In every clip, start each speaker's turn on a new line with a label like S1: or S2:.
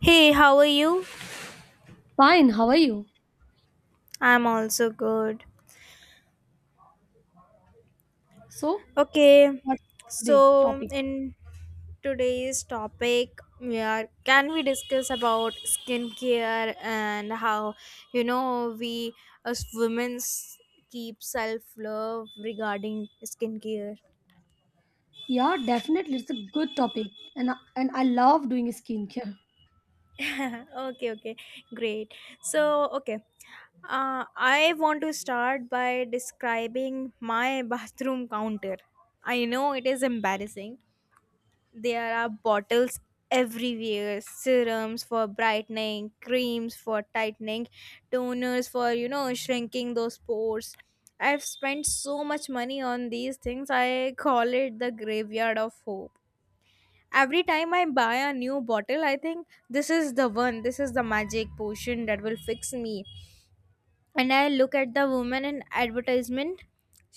S1: Hey, how are you?
S2: Fine, how are you?
S1: I'm also good.
S2: So,
S1: Okay,
S2: What's today
S1: so
S2: topic?
S1: in today's topic, we are can we discuss about skincare and how we as women keep self love regarding skincare.
S2: Yeah, definitely it's a good topic and I love doing skincare.
S1: okay, okay, great. So okay, I want to start by describing my bathroom counter. I know it is embarrassing. There are bottles everywhere, serums for brightening, creams for tightening, toners for, shrinking those pores. I've spent so much money on these things. I call it the graveyard of hope. Every time I buy a new bottle, I think this is the one, this is the magic potion that will fix me. And I look at the woman in advertisement.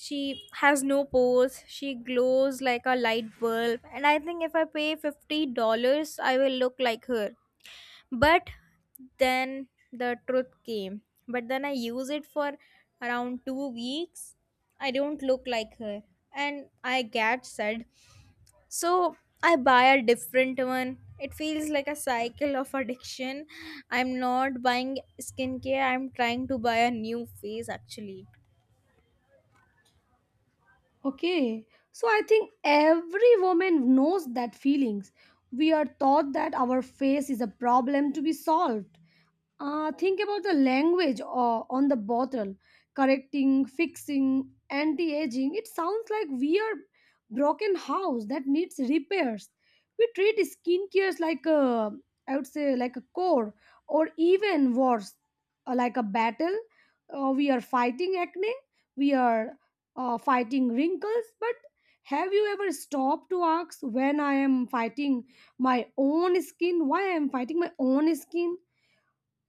S1: She has no pores, she glows like a light bulb, and I think if I pay $50 I will look like her. But then the truth came. But then I use it for around 2 weeks, I don't look like her and I get sad. So I buy a different one. It feels like a cycle of addiction. I'm not buying skincare, I'm trying to buy a new face actually.
S2: Okay, so I think every woman knows that feelings. We are taught that our face is a problem to be solved. Think about the language on the bottle correcting, fixing, anti aging. It sounds like we are broken house that needs repairs. We treat skincare like a, I would say, like a core, or even worse, like a battle. We are fighting acne we are fighting wrinkles, but have you ever stopped to ask when I am fighting my own skin? Why I am fighting my own skin?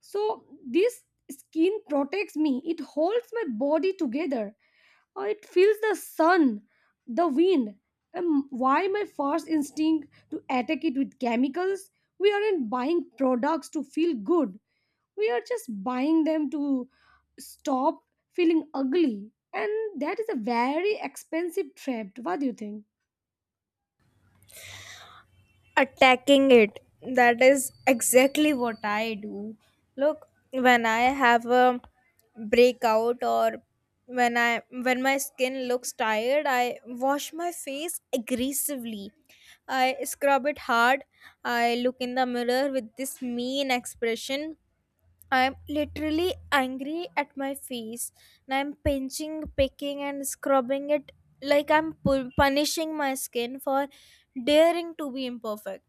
S2: So this skin protects me. It holds my body together. Or it feels the sun, the wind. And why my first instinct to attack it with chemicals? We aren't buying products to feel good we are just buying them to stop feeling ugly and that is a very expensive trap what do you think.
S1: Attacking it. That is exactly what I do. Look, when I have a breakout or when my skin looks tired, I wash my face aggressively. I scrub it hard. I look in the mirror with this mean expression. I'm literally angry at my face and I'm pinching, picking, and scrubbing it like I'm punishing my skin for daring to be imperfect.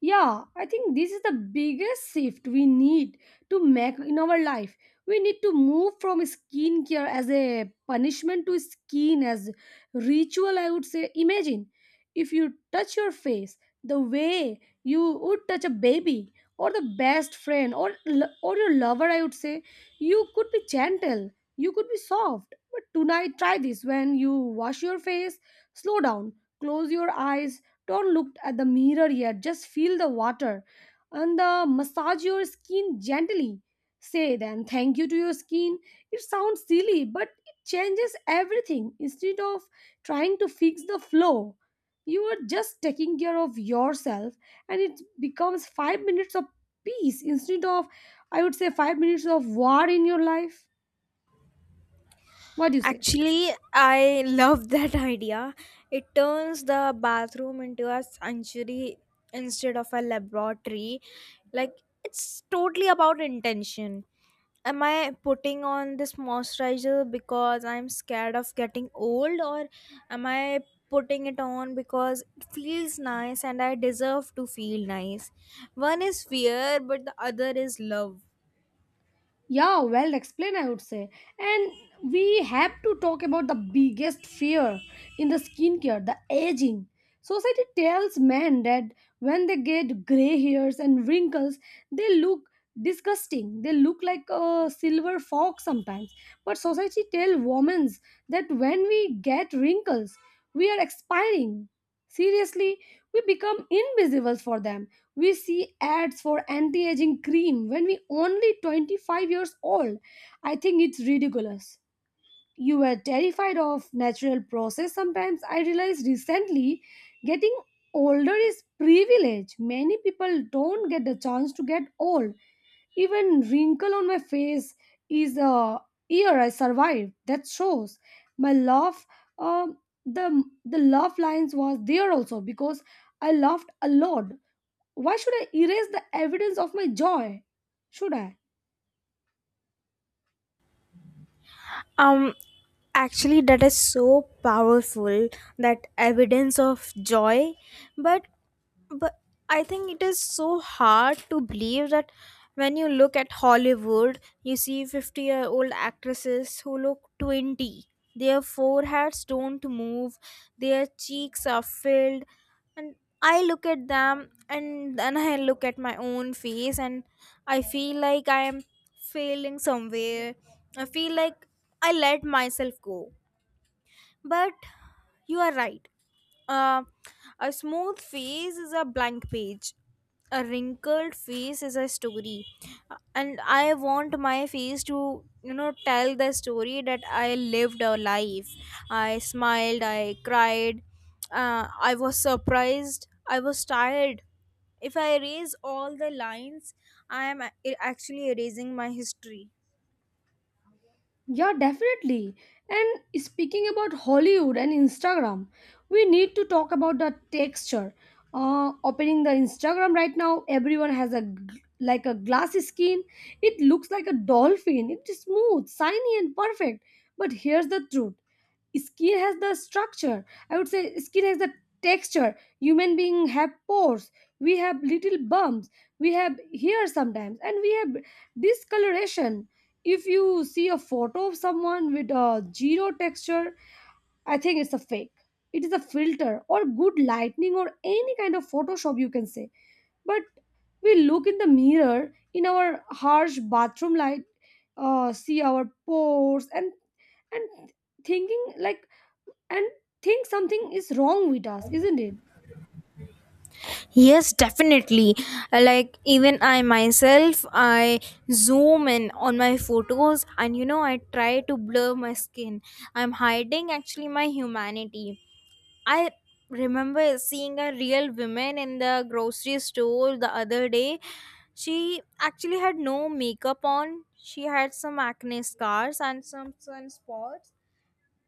S2: Yeah, I think this is the biggest shift we need to make in our life. We need to move from skincare as a punishment to skin as ritual, I would say. Imagine if you touch your face the way you would touch a baby or the best friend or your lover, I would say. You could be gentle, you could be soft. But tonight, try this when you wash your face, slow down, close your eyes, don't look at the mirror yet. Just feel the water and the massage your skin gently. Say then thank you to your skin. It sounds silly, but it changes everything. Instead of trying to fix the flow, you are just taking care of yourself and it becomes 5 minutes of peace instead of, I would say, 5 minutes of war in your life. What do you say?
S1: Actually, I love that idea. It turns the bathroom into a sanctuary instead of a laboratory. Like, it's totally about intention. Am I putting on this moisturizer because I'm scared of getting old, or am I putting it on because it feels nice and I deserve to feel nice? One is fear, but the other is love.
S2: Yeah, well explained, I would say. And we have to talk about the biggest fear in the skincare the aging. Society tells men that when they get gray hairs and wrinkles, they look disgusting. They look like a silver fox sometimes. But society tells women that when we get wrinkles, we are expiring. Seriously, we become invisible for them. We see ads for anti aging cream when we only 25 years old. I think it's ridiculous. You were terrified of natural process sometimes. I realized recently getting older is privilege. Many people don't get the chance to get old. Even wrinkle on my face is a year I survived. That shows my love. Um, the love lines was there also because I laughed a lot. Why should I erase the evidence of my joy? Should I?
S1: Um, Actually, that is so powerful, that evidence of joy. But but I think it is so hard to believe that when you look at Hollywood you see 50-year-old actresses who look 20. Their foreheads don't move, their cheeks are filled, and I look at them and then I look at my own face and I feel like I am failing somewhere. I feel like I let myself go. But you are right. uh, a smooth face is a blank page. A wrinkled face is a story. And I want my face to, tell the story that I lived a life. I smiled, I cried, I was surprised, I was tired. If I erase all the lines, I am actually erasing my history.
S2: Yeah, definitely. And speaking about Hollywood and Instagram, we need to talk about the texture. Opening the Instagram right now, everyone has a like a glass skin. It looks like a dolphin. It's smooth, shiny, and perfect. But here's the truth: skin has the structure. I would say skin has the texture. Human being have pores. We have little bumps. We have hair sometimes, and we have discoloration if you see a photo of someone with a zero texture, I think it's a fake. It is a filter or good lighting or any kind of Photoshop you can say. But we look in the mirror in our harsh bathroom light, see our pores and thinking like and think something is wrong with us, isn't it?
S1: Yes, definitely. Like, even I myself, I zoom in on my photos and I try to blur my skin. I'm hiding actually my humanity. I remember seeing a real woman in the grocery store the other day. She actually had no makeup on, she had some acne scars and some sunspots,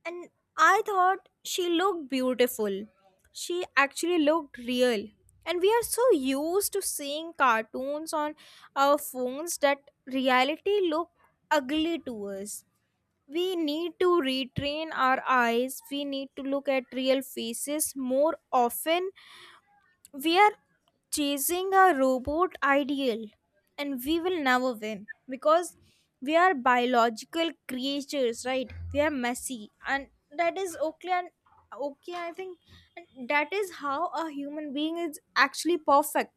S1: and I thought she looked beautiful. She actually looked real. And we are so used to seeing cartoons on our phones that reality look ugly to us. We need to retrain our eyes. We need to look at real faces more often. We are chasing a robot ideal and we will never win because we are biological creatures, right? We are messy and that is okay. And okay, I think and that is how a human being is actually perfect.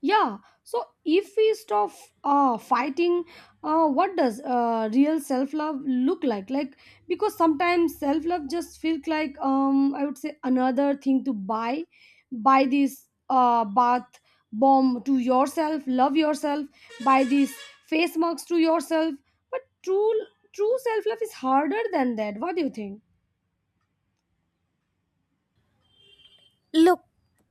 S2: Yeah, so if we stop fighting, what does real self love look like? Like because sometimes self love just feels like I would say another thing to buy, buy this bath bomb to yourself, love yourself, buy these face marks to yourself. But true self love is harder than that. What do you think?
S1: Look,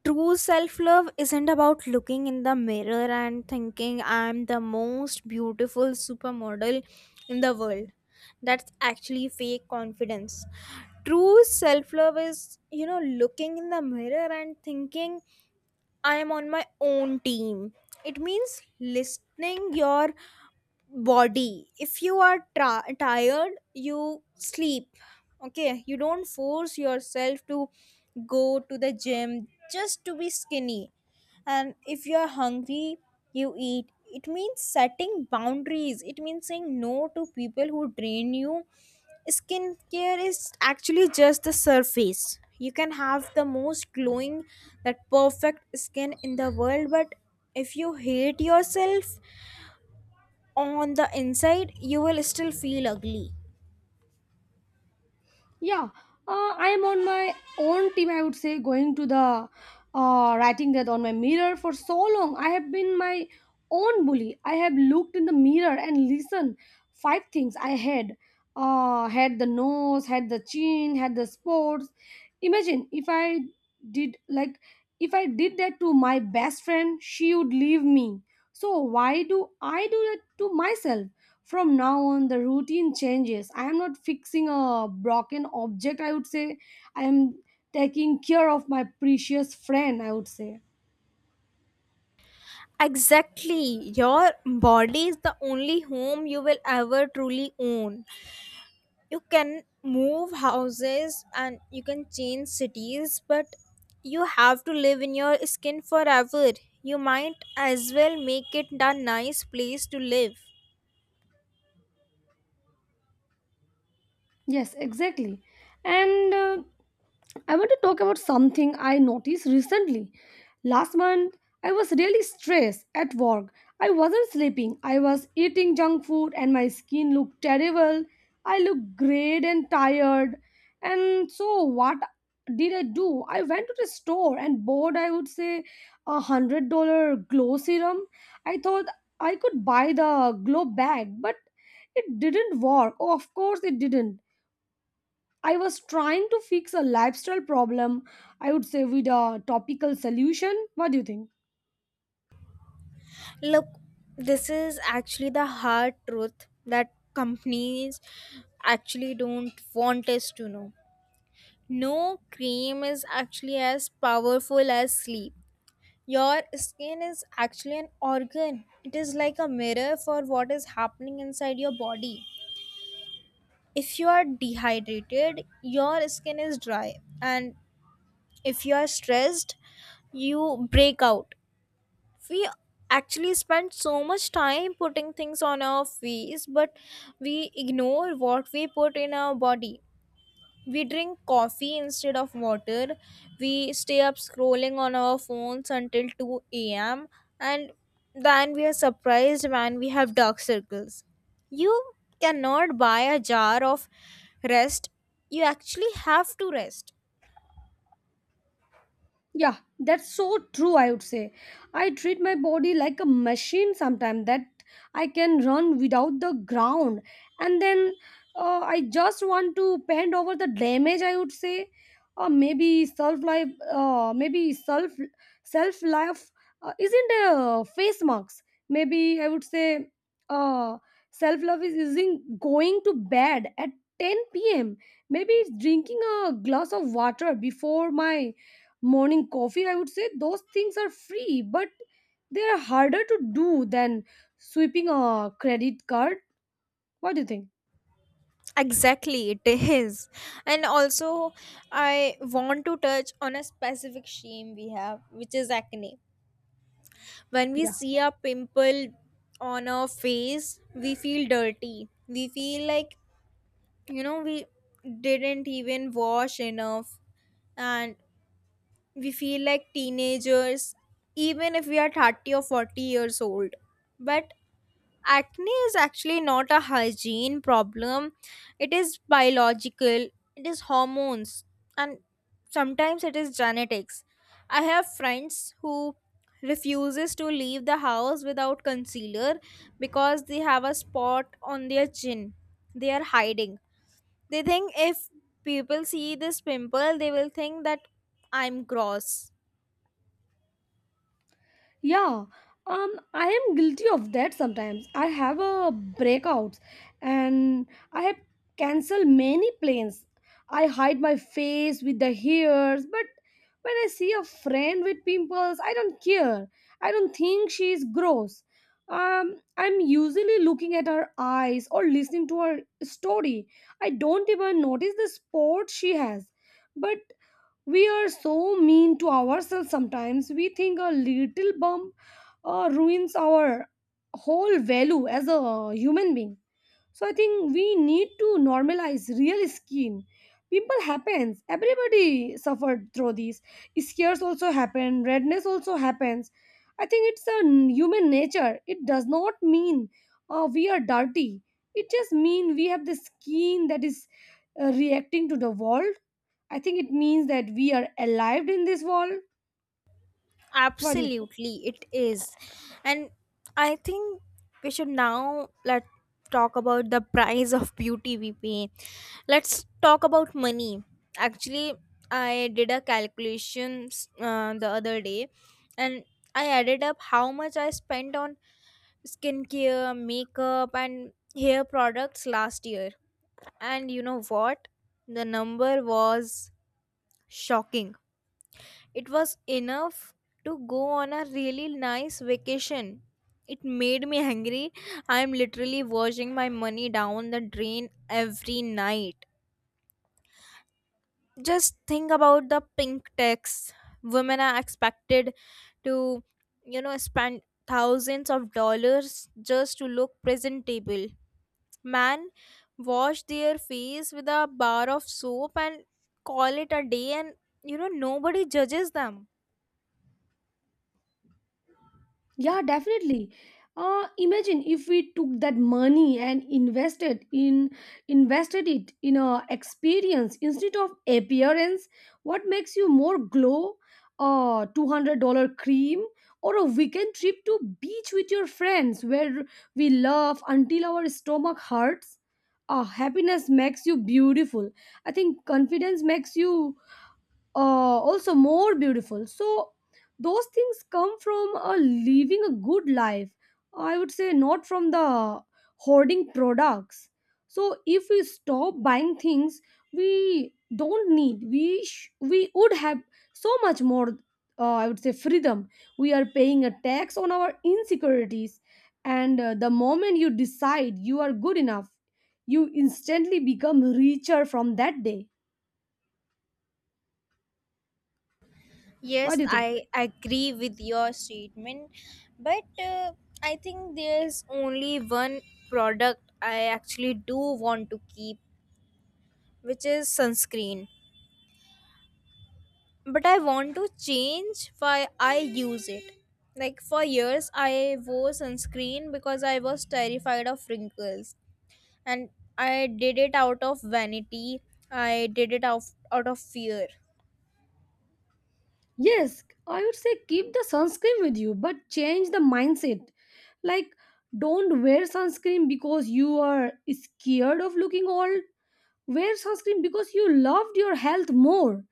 S1: true self love isn't about looking in the mirror and thinking I'm the most beautiful supermodel in the world. That's actually fake confidence. True self love is, looking in the mirror and thinking I am on my own team. It means listening your body. If you are tired, you sleep. Okay, you don't force yourself to go to the gym just to be skinny. And if you are hungry, you eat. It means setting boundaries, it means saying no to people who drain you. Skincare is actually just the surface. You can have the most glowing, that perfect skin in the world, but if you hate yourself on the inside you will still feel ugly.
S2: Yeah, I am on my own team. I would say going to the writing that on my mirror for so long. I have been my own bully. I have looked in the mirror and listened five things I had. Had the nose, had the chin, had the sports. Imagine if I did like if I did that to my best friend, she would leave me. So why do I do that to myself? From now on the routine changes I am not fixing a broken object I would say I am taking care of my precious friend I would say
S1: Exactly, your body is the only home you will ever truly own. You can move houses and you can change cities, but you have to live in your skin forever. You might as well make it a nice place to live.
S2: yes exactly and I want to talk about something I noticed recently. Last month, I was really stressed at work. I wasn't sleeping. I was eating junk food and my skin looked terrible. I looked great and tired. And so, what did I do? I went to the store and bought, I would say, $100 glow serum. I thought I could buy the glow bag, but it didn't work. Oh, of course, it didn't. I was trying to fix a lifestyle problem, I would say, with a topical solution. What do you think?
S1: Look, this is actually the hard truth that companies actually don't want us to know. No cream is actually as powerful as sleep. Your skin is actually an organ, it is like a mirror for what is happening inside your body. If you are dehydrated, your skin is dry, and if you are stressed, you break out. We actually spend so much time putting things on our face, but we ignore what we put in our body. We drink coffee instead of water, we stay up scrolling on our phones until 2 a.m., and then we are surprised when we have dark circles. You cannot buy a jar of rest, you actually have to rest.
S2: Yeah, that's so true, I would say. I treat my body like a machine sometimes that I can run without the ground. And then I just want to paint over the damage, I would say. Or maybe self life, uh, maybe self self life isn't a face marks. Maybe I would say uh, self love is isn't going to bed at 10 p.m. Maybe it's drinking a glass of water before my morning coffee I would say those things are free but they are harder to do than sweeping a credit card what do you think.
S1: Exactly, it is. And also, I want to touch on a specific shame we have, which is acne. When we see a pimple on our face, we feel dirty. We feel like, we didn't even wash enough. And we feel like teenagers, even if we are 30 or 40 years old. But acne is actually not a hygiene problem, it is biological, it is hormones, and sometimes it is genetics. I have friends who refuses to leave the house without concealer because they have a spot on their chin. They are hiding. They think if people see this pimple they will think that I'm gross.
S2: Yeah, I am guilty of that sometimes. I have a breakouts and I have cancelled many plans. I hide my face with the hairs, but when I see a friend with pimples, I don't care. I don't think she is gross. I'm usually looking at her eyes or listening to her story. I don't even notice the sport she has. But we are so mean to ourselves sometimes. We think a little bump ruins our whole value as a human being. So I think we need to normalize real skin. Pimple happens. Everybody suffered through these. Scares also happen. Redness also happens. I think it's a human nature. It does not mean we are dirty. It just mean we have the skin that is reacting to the world I think it means that we are alive in this world. What do you think?
S1: Absolutely, it is. And I think we should now let talk about the price of beauty we pay. Let's talk about money. Actually, I did a calculation the other day, and I added up how much I spent on skincare, makeup, and hair products last year. And you know what? The number was shocking. It was enough to go on a really nice vacation. It made me angry. I'm literally washing my money down the drain every night. Just think about the pink tax. Women are expected to, spend thousands of dollars just to look presentable. Man, wash their face with a bar of soap and call it a day, and nobody judges them.
S2: Yeah, definitely. Imagine if we took that money and invested in invested it in a experience instead of appearance. What makes you more glow? A $200 cream or a weekend trip to beach with your friends where we laugh until our stomach hurts. Happiness makes you beautiful. I think confidence makes you uh, also more beautiful. So those things come from living a good life. I would say not from the hoarding products. So if we stop buying things we don't need, we would have so much more. I would say freedom. We are paying a tax on our insecurities, and the moment you decide you are good enough, you instantly become richer from that day. What
S1: Yes,
S2: do you think?
S1: I agree with your statement, but I think there's only one product I actually do want to keep, which is sunscreen. But I want to change why I use it. Like for years, I wore sunscreen because I was terrified of wrinkles, and I did it out of vanity. I did it out of fear.
S2: Yes, I would say keep the sunscreen with you, but change the mindset. Like, don't wear sunscreen because you are scared of looking old. Wear sunscreen because you loved your health more.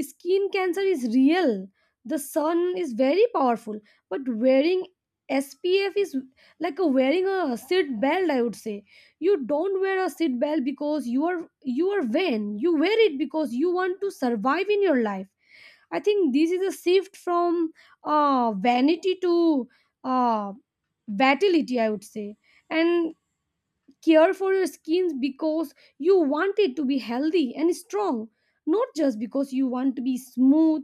S2: Skin cancer is real. The sun is very powerful, but wearing SPF is like a wearing a seat belt. I would say you don't wear a seat belt because you are vain. You wear it because you want to survive in your life. I think this is a shift from vanity to uh, vitality, I would say. And care for your skin because you want it to be healthy and strong, not just because you want to be smooth.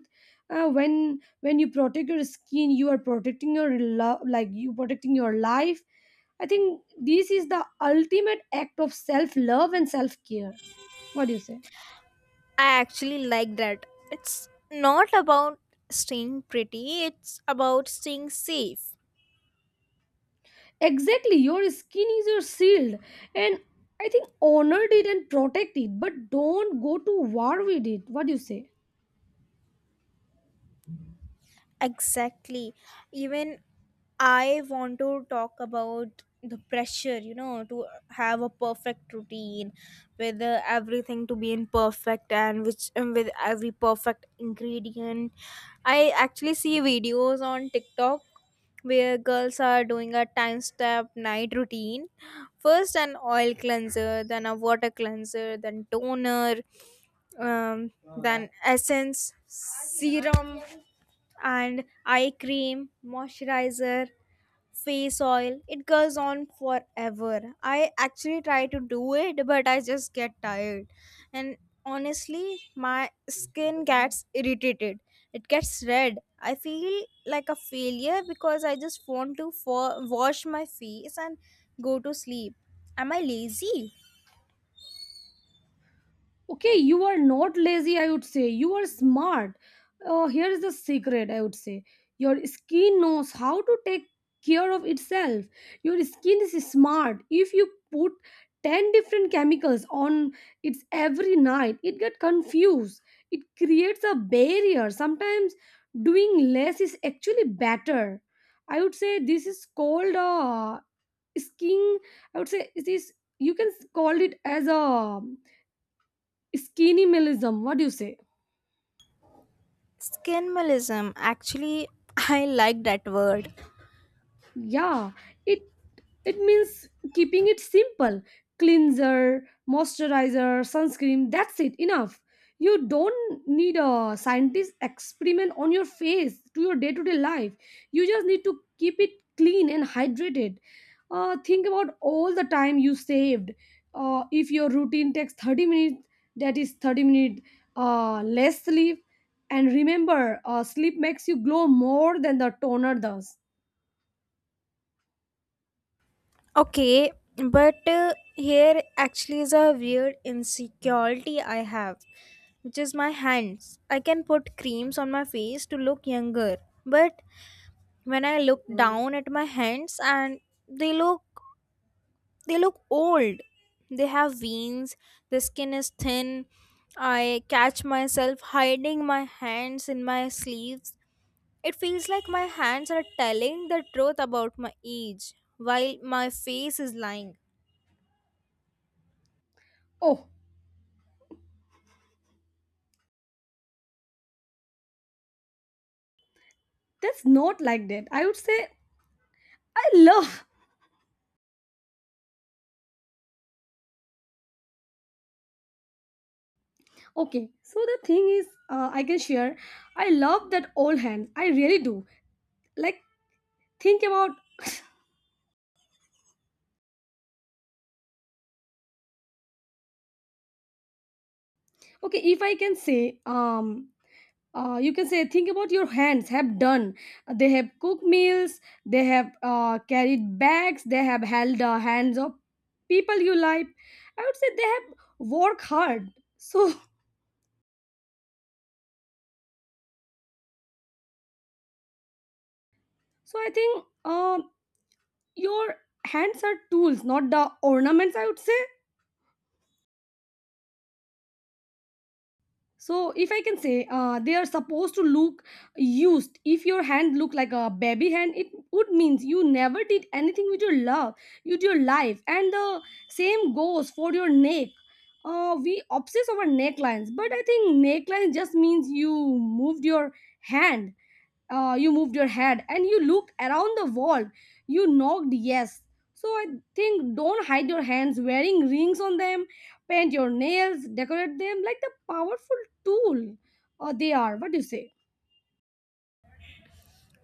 S2: When when you protect your skin, you are protecting your love, like you protecting your life. I think this is the ultimate act of self love and self care. What do you say?
S1: I actually like that. It's not about staying pretty, it's about staying safe.
S2: Exactly, your skin is your shield, and I think honor it and protect it, but don't go to war with it. What do you say?
S1: Exactly. Even I want to talk about the pressure, to have a perfect routine with everything to be in perfect and which and with every perfect ingredient. I actually see videos on TikTok where girls are doing a time step night routine: first an oil cleanser, then a water cleanser, then toner, um, then essence serum and eye cream, moisturizer, face oil. It goes on forever. I actually try to do it but I just get tired, and honestly my skin gets irritated, it gets red. I feel like a failure because I just want to wash my face and go to sleep. Am I lazy?
S2: Okay you are not lazy I would say you are smart here is the secret I would say your skin knows how to take care of itself your skin is smart if you put 10 different chemicals on its every night it get confused it creates a barrier sometimes doing less is actually better I would say this is called a skin I would say it is you can call it as a Skinimalism, what do you say?
S1: Skin malism actually. I like that word.
S2: Yeah, it it means keeping it simple. Cleanser, moisturizer, sunscreen, that's it, enough. You don't need a scientist experiment on your face to your day-to-day life. You just need to keep it clean and hydrated. Think about all the time you saved. If your routine takes 30 minutes, that is 30 minutes less sleep. And remember, sleep makes you glow more than the toner does.
S1: Okay, but here actually is a weird insecurity I have, which is my hands. I can put creams on my face to look younger, but when I look down at my hands and they look they look old. They have veins, the skin is thin. I catch myself hiding my hands in my sleeves. It feels like my hands are telling the truth about my age while my face is lying.
S2: Oh, that's not like that. I would say I love. Okay, so the thing is, I can share. I love that old hand. I really do. Like think about. Okay, if I can say, you can say think about your hands have done. They have cooked meals. They have carried bags. They have held the hands of people you like. I would say they have worked hard. So so I think your hands are tools, not the ornaments. I would say so if I can say, they are supposed to look used. If your hand look like a baby hand, it would means you never did anything with your love, with your life. And the same goes for your neck. We obsess over necklines, but I think neckline just means you moved your hand, you moved your head and you looked around the wall. You knocked, yes. So I think don't hide your hands, wearing rings on them, paint your nails, decorate them like the powerful tool. They are, what do you say?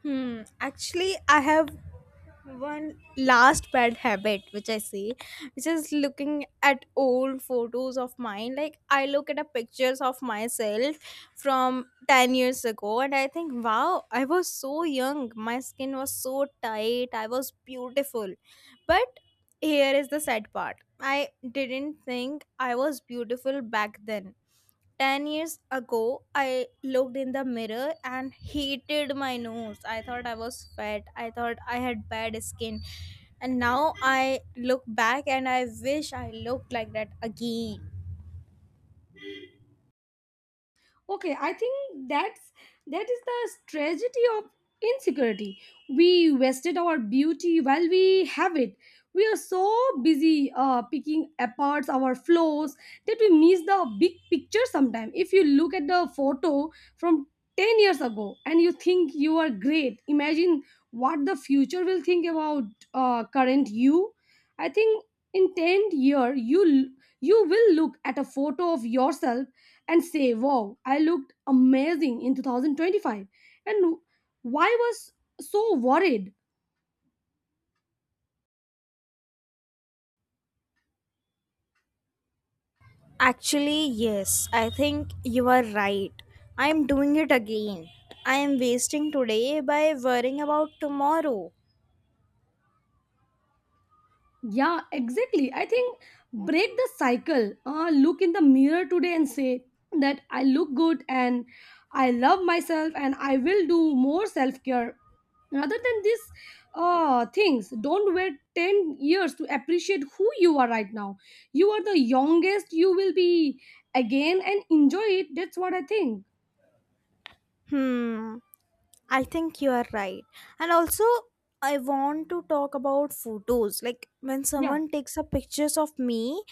S1: Hmm. Actually, I have one last bad habit which I see, which is looking at old photos of mine. Like I look at a pictures of myself from 10 years ago, and I think, wow, I was so young. My skin was so tight. I was beautiful, but here is the sad part. I didn't think I was beautiful back then. 10 years ago, I looked in the mirror and hated my nose. I thought I was fat. I thought I had bad skin. And now I look back and I wish I looked like that again.
S2: Okay, I think that's that is the tragedy of insecurity. We wasted our beauty while we have it. We are so busy picking apart our flaws that we miss the big picture. Sometimes if you look at the photo from 10 years ago and you think you are great, imagine what the future will think about current you. I think in 10 year, you will look at a photo of yourself and say, wow, I looked amazing in 2025. And why was so worried?
S1: Actually, yes, I think you are right. I am doing it again. I am wasting today by worrying about tomorrow.
S2: Yeah, exactly. I think break the cycle. Look in the mirror today and say that I look good and I love myself and I will do more self care. Rather than these things, don't wait 10 years to appreciate who you are right now. You are the youngest you will be again, and enjoy it. That's what I think.
S1: Hmm. I think you are right. And also, I want to talk about photos. Like when
S2: Yeah.
S1: someone takes a pictures of me,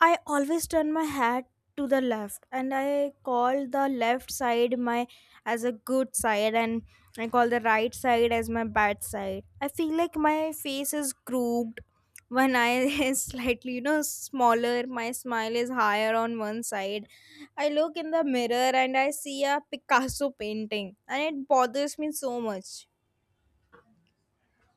S1: I always turn my head to the left and I call the left side my as a good side and I call the right side as my bad side. I feel like my face is grooved when I is slightly, smaller, my smile is higher on one side. I look in the mirror and I see a Picasso painting and it bothers me so much.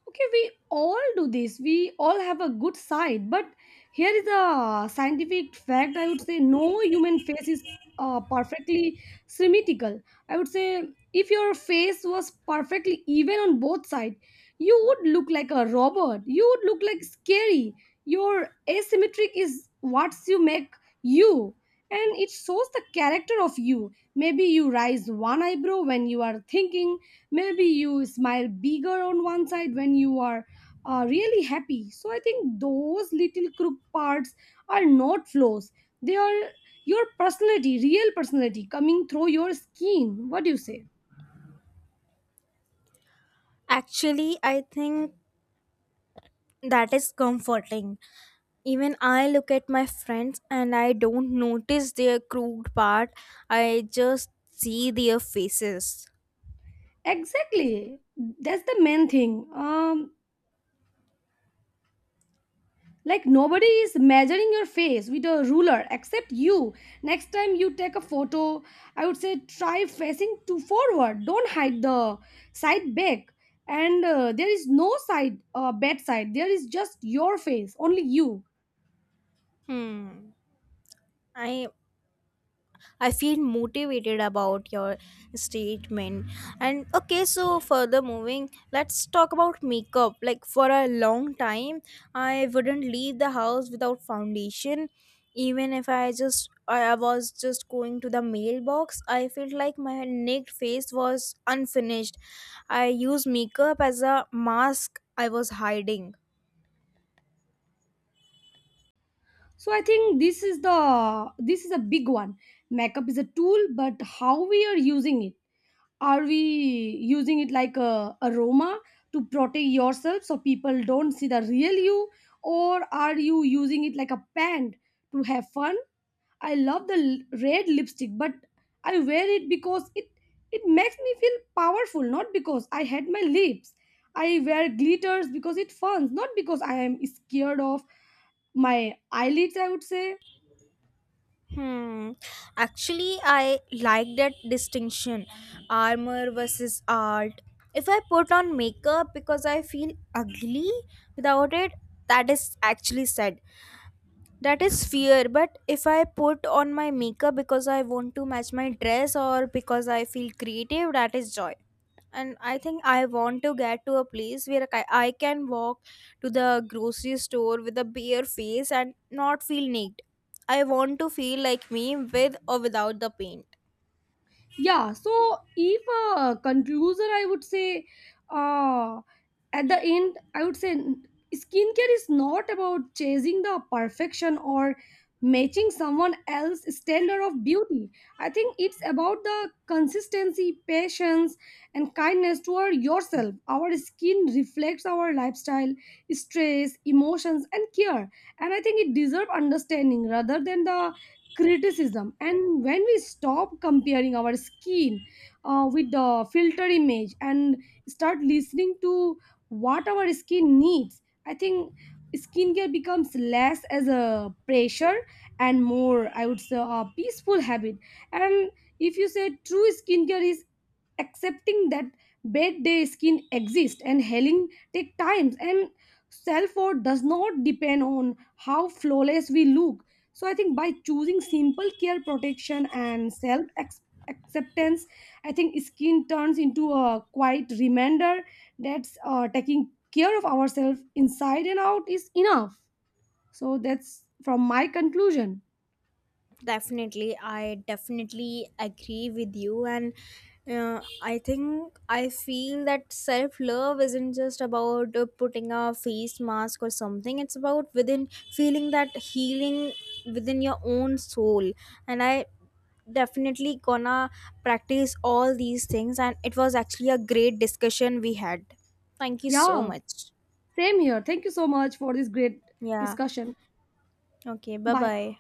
S2: Okay, we all do this. We all have a good side. But here is a scientific fact. I would say no human face is perfectly symmetrical. I would say if your face was perfectly even on both sides, you would look like a robot. You would look like scary. Your asymmetric is what you make you. And it shows the character of you. Maybe you raise one eyebrow when you are thinking, maybe you smile bigger on one side when you are really happy. So I think those little crooked parts are not flaws, they are your personality, real personality coming through your skin. What do you say?
S1: Actually, I think that is comforting. Even I look at my friends and I don't notice their crude part, I just see their faces.
S2: Exactly, that's the main thing. Like nobody is measuring your face with a ruler except you. Next time you take a photo, I would say try facing to forward. Don't hide the side back. And there is no side, bad side. There is just your face, only you.
S1: hmm i I feel motivated about your statement. And okay, so further moving, let's talk about makeup. Like for a long time, I wouldn't leave the house without foundation, even if I was just going to the mailbox. I felt like my naked face was unfinished. I used makeup as a mask, I was hiding.
S2: So I think this is a big one. Makeup is a tool, but how we are using it. Are we using it like a aroma to protect yourself so people don't see the real you, or are you using it like a pant to have fun? I love the red lipstick, but I wear it because it makes me feel powerful, not because I had my lips. I wear glitters because it fun, not because I am scared of my eyelids, I would say.
S1: Hmm. Actually, I like that distinction, armor versus art. If I put on makeup because I feel ugly without it, that is actually sad. That is fear, but if I put on my makeup because I want to match my dress or because I feel creative, that is joy. And I think I want to get to a place where I can walk to the grocery store with a bare face and not feel naked. I want to feel like me with or without the pain.
S2: Yeah, so if a conclusion, I would say, uh at the end I would say, skincare is not about chasing the perfection or matching someone else's standard of beauty. I think it's about the consistency, patience, and kindness toward yourself. Our skin reflects our lifestyle, stress, emotions, and care. And I think it deserves understanding rather than the criticism. And when we stop comparing our skin with the filter image and start listening to what our skin needs, I think skincare becomes less as a pressure and more, I would say, a peaceful habit. And if you say true skincare is accepting that bad day skin exists and healing take times, and self-worth does not depend on how flawless we look. So I think by choosing simple care, protection, and self acceptance, I think skin turns into a quiet reminder that taking care of ourselves inside and out is enough. So that's from my conclusion.
S1: Definitely, I definitely agree with you, and I think I feel that self love isn't just about putting a face mask or something, it's about within feeling that healing within your own soul. And I definitely gonna practice all these things, and it was actually a great discussion we had. Thank you so
S2: Yeah,
S1: much.
S2: same here, thank you so much for this great
S1: Yeah,
S2: discussion.
S1: okay, bye
S2: Bye.
S1: bye.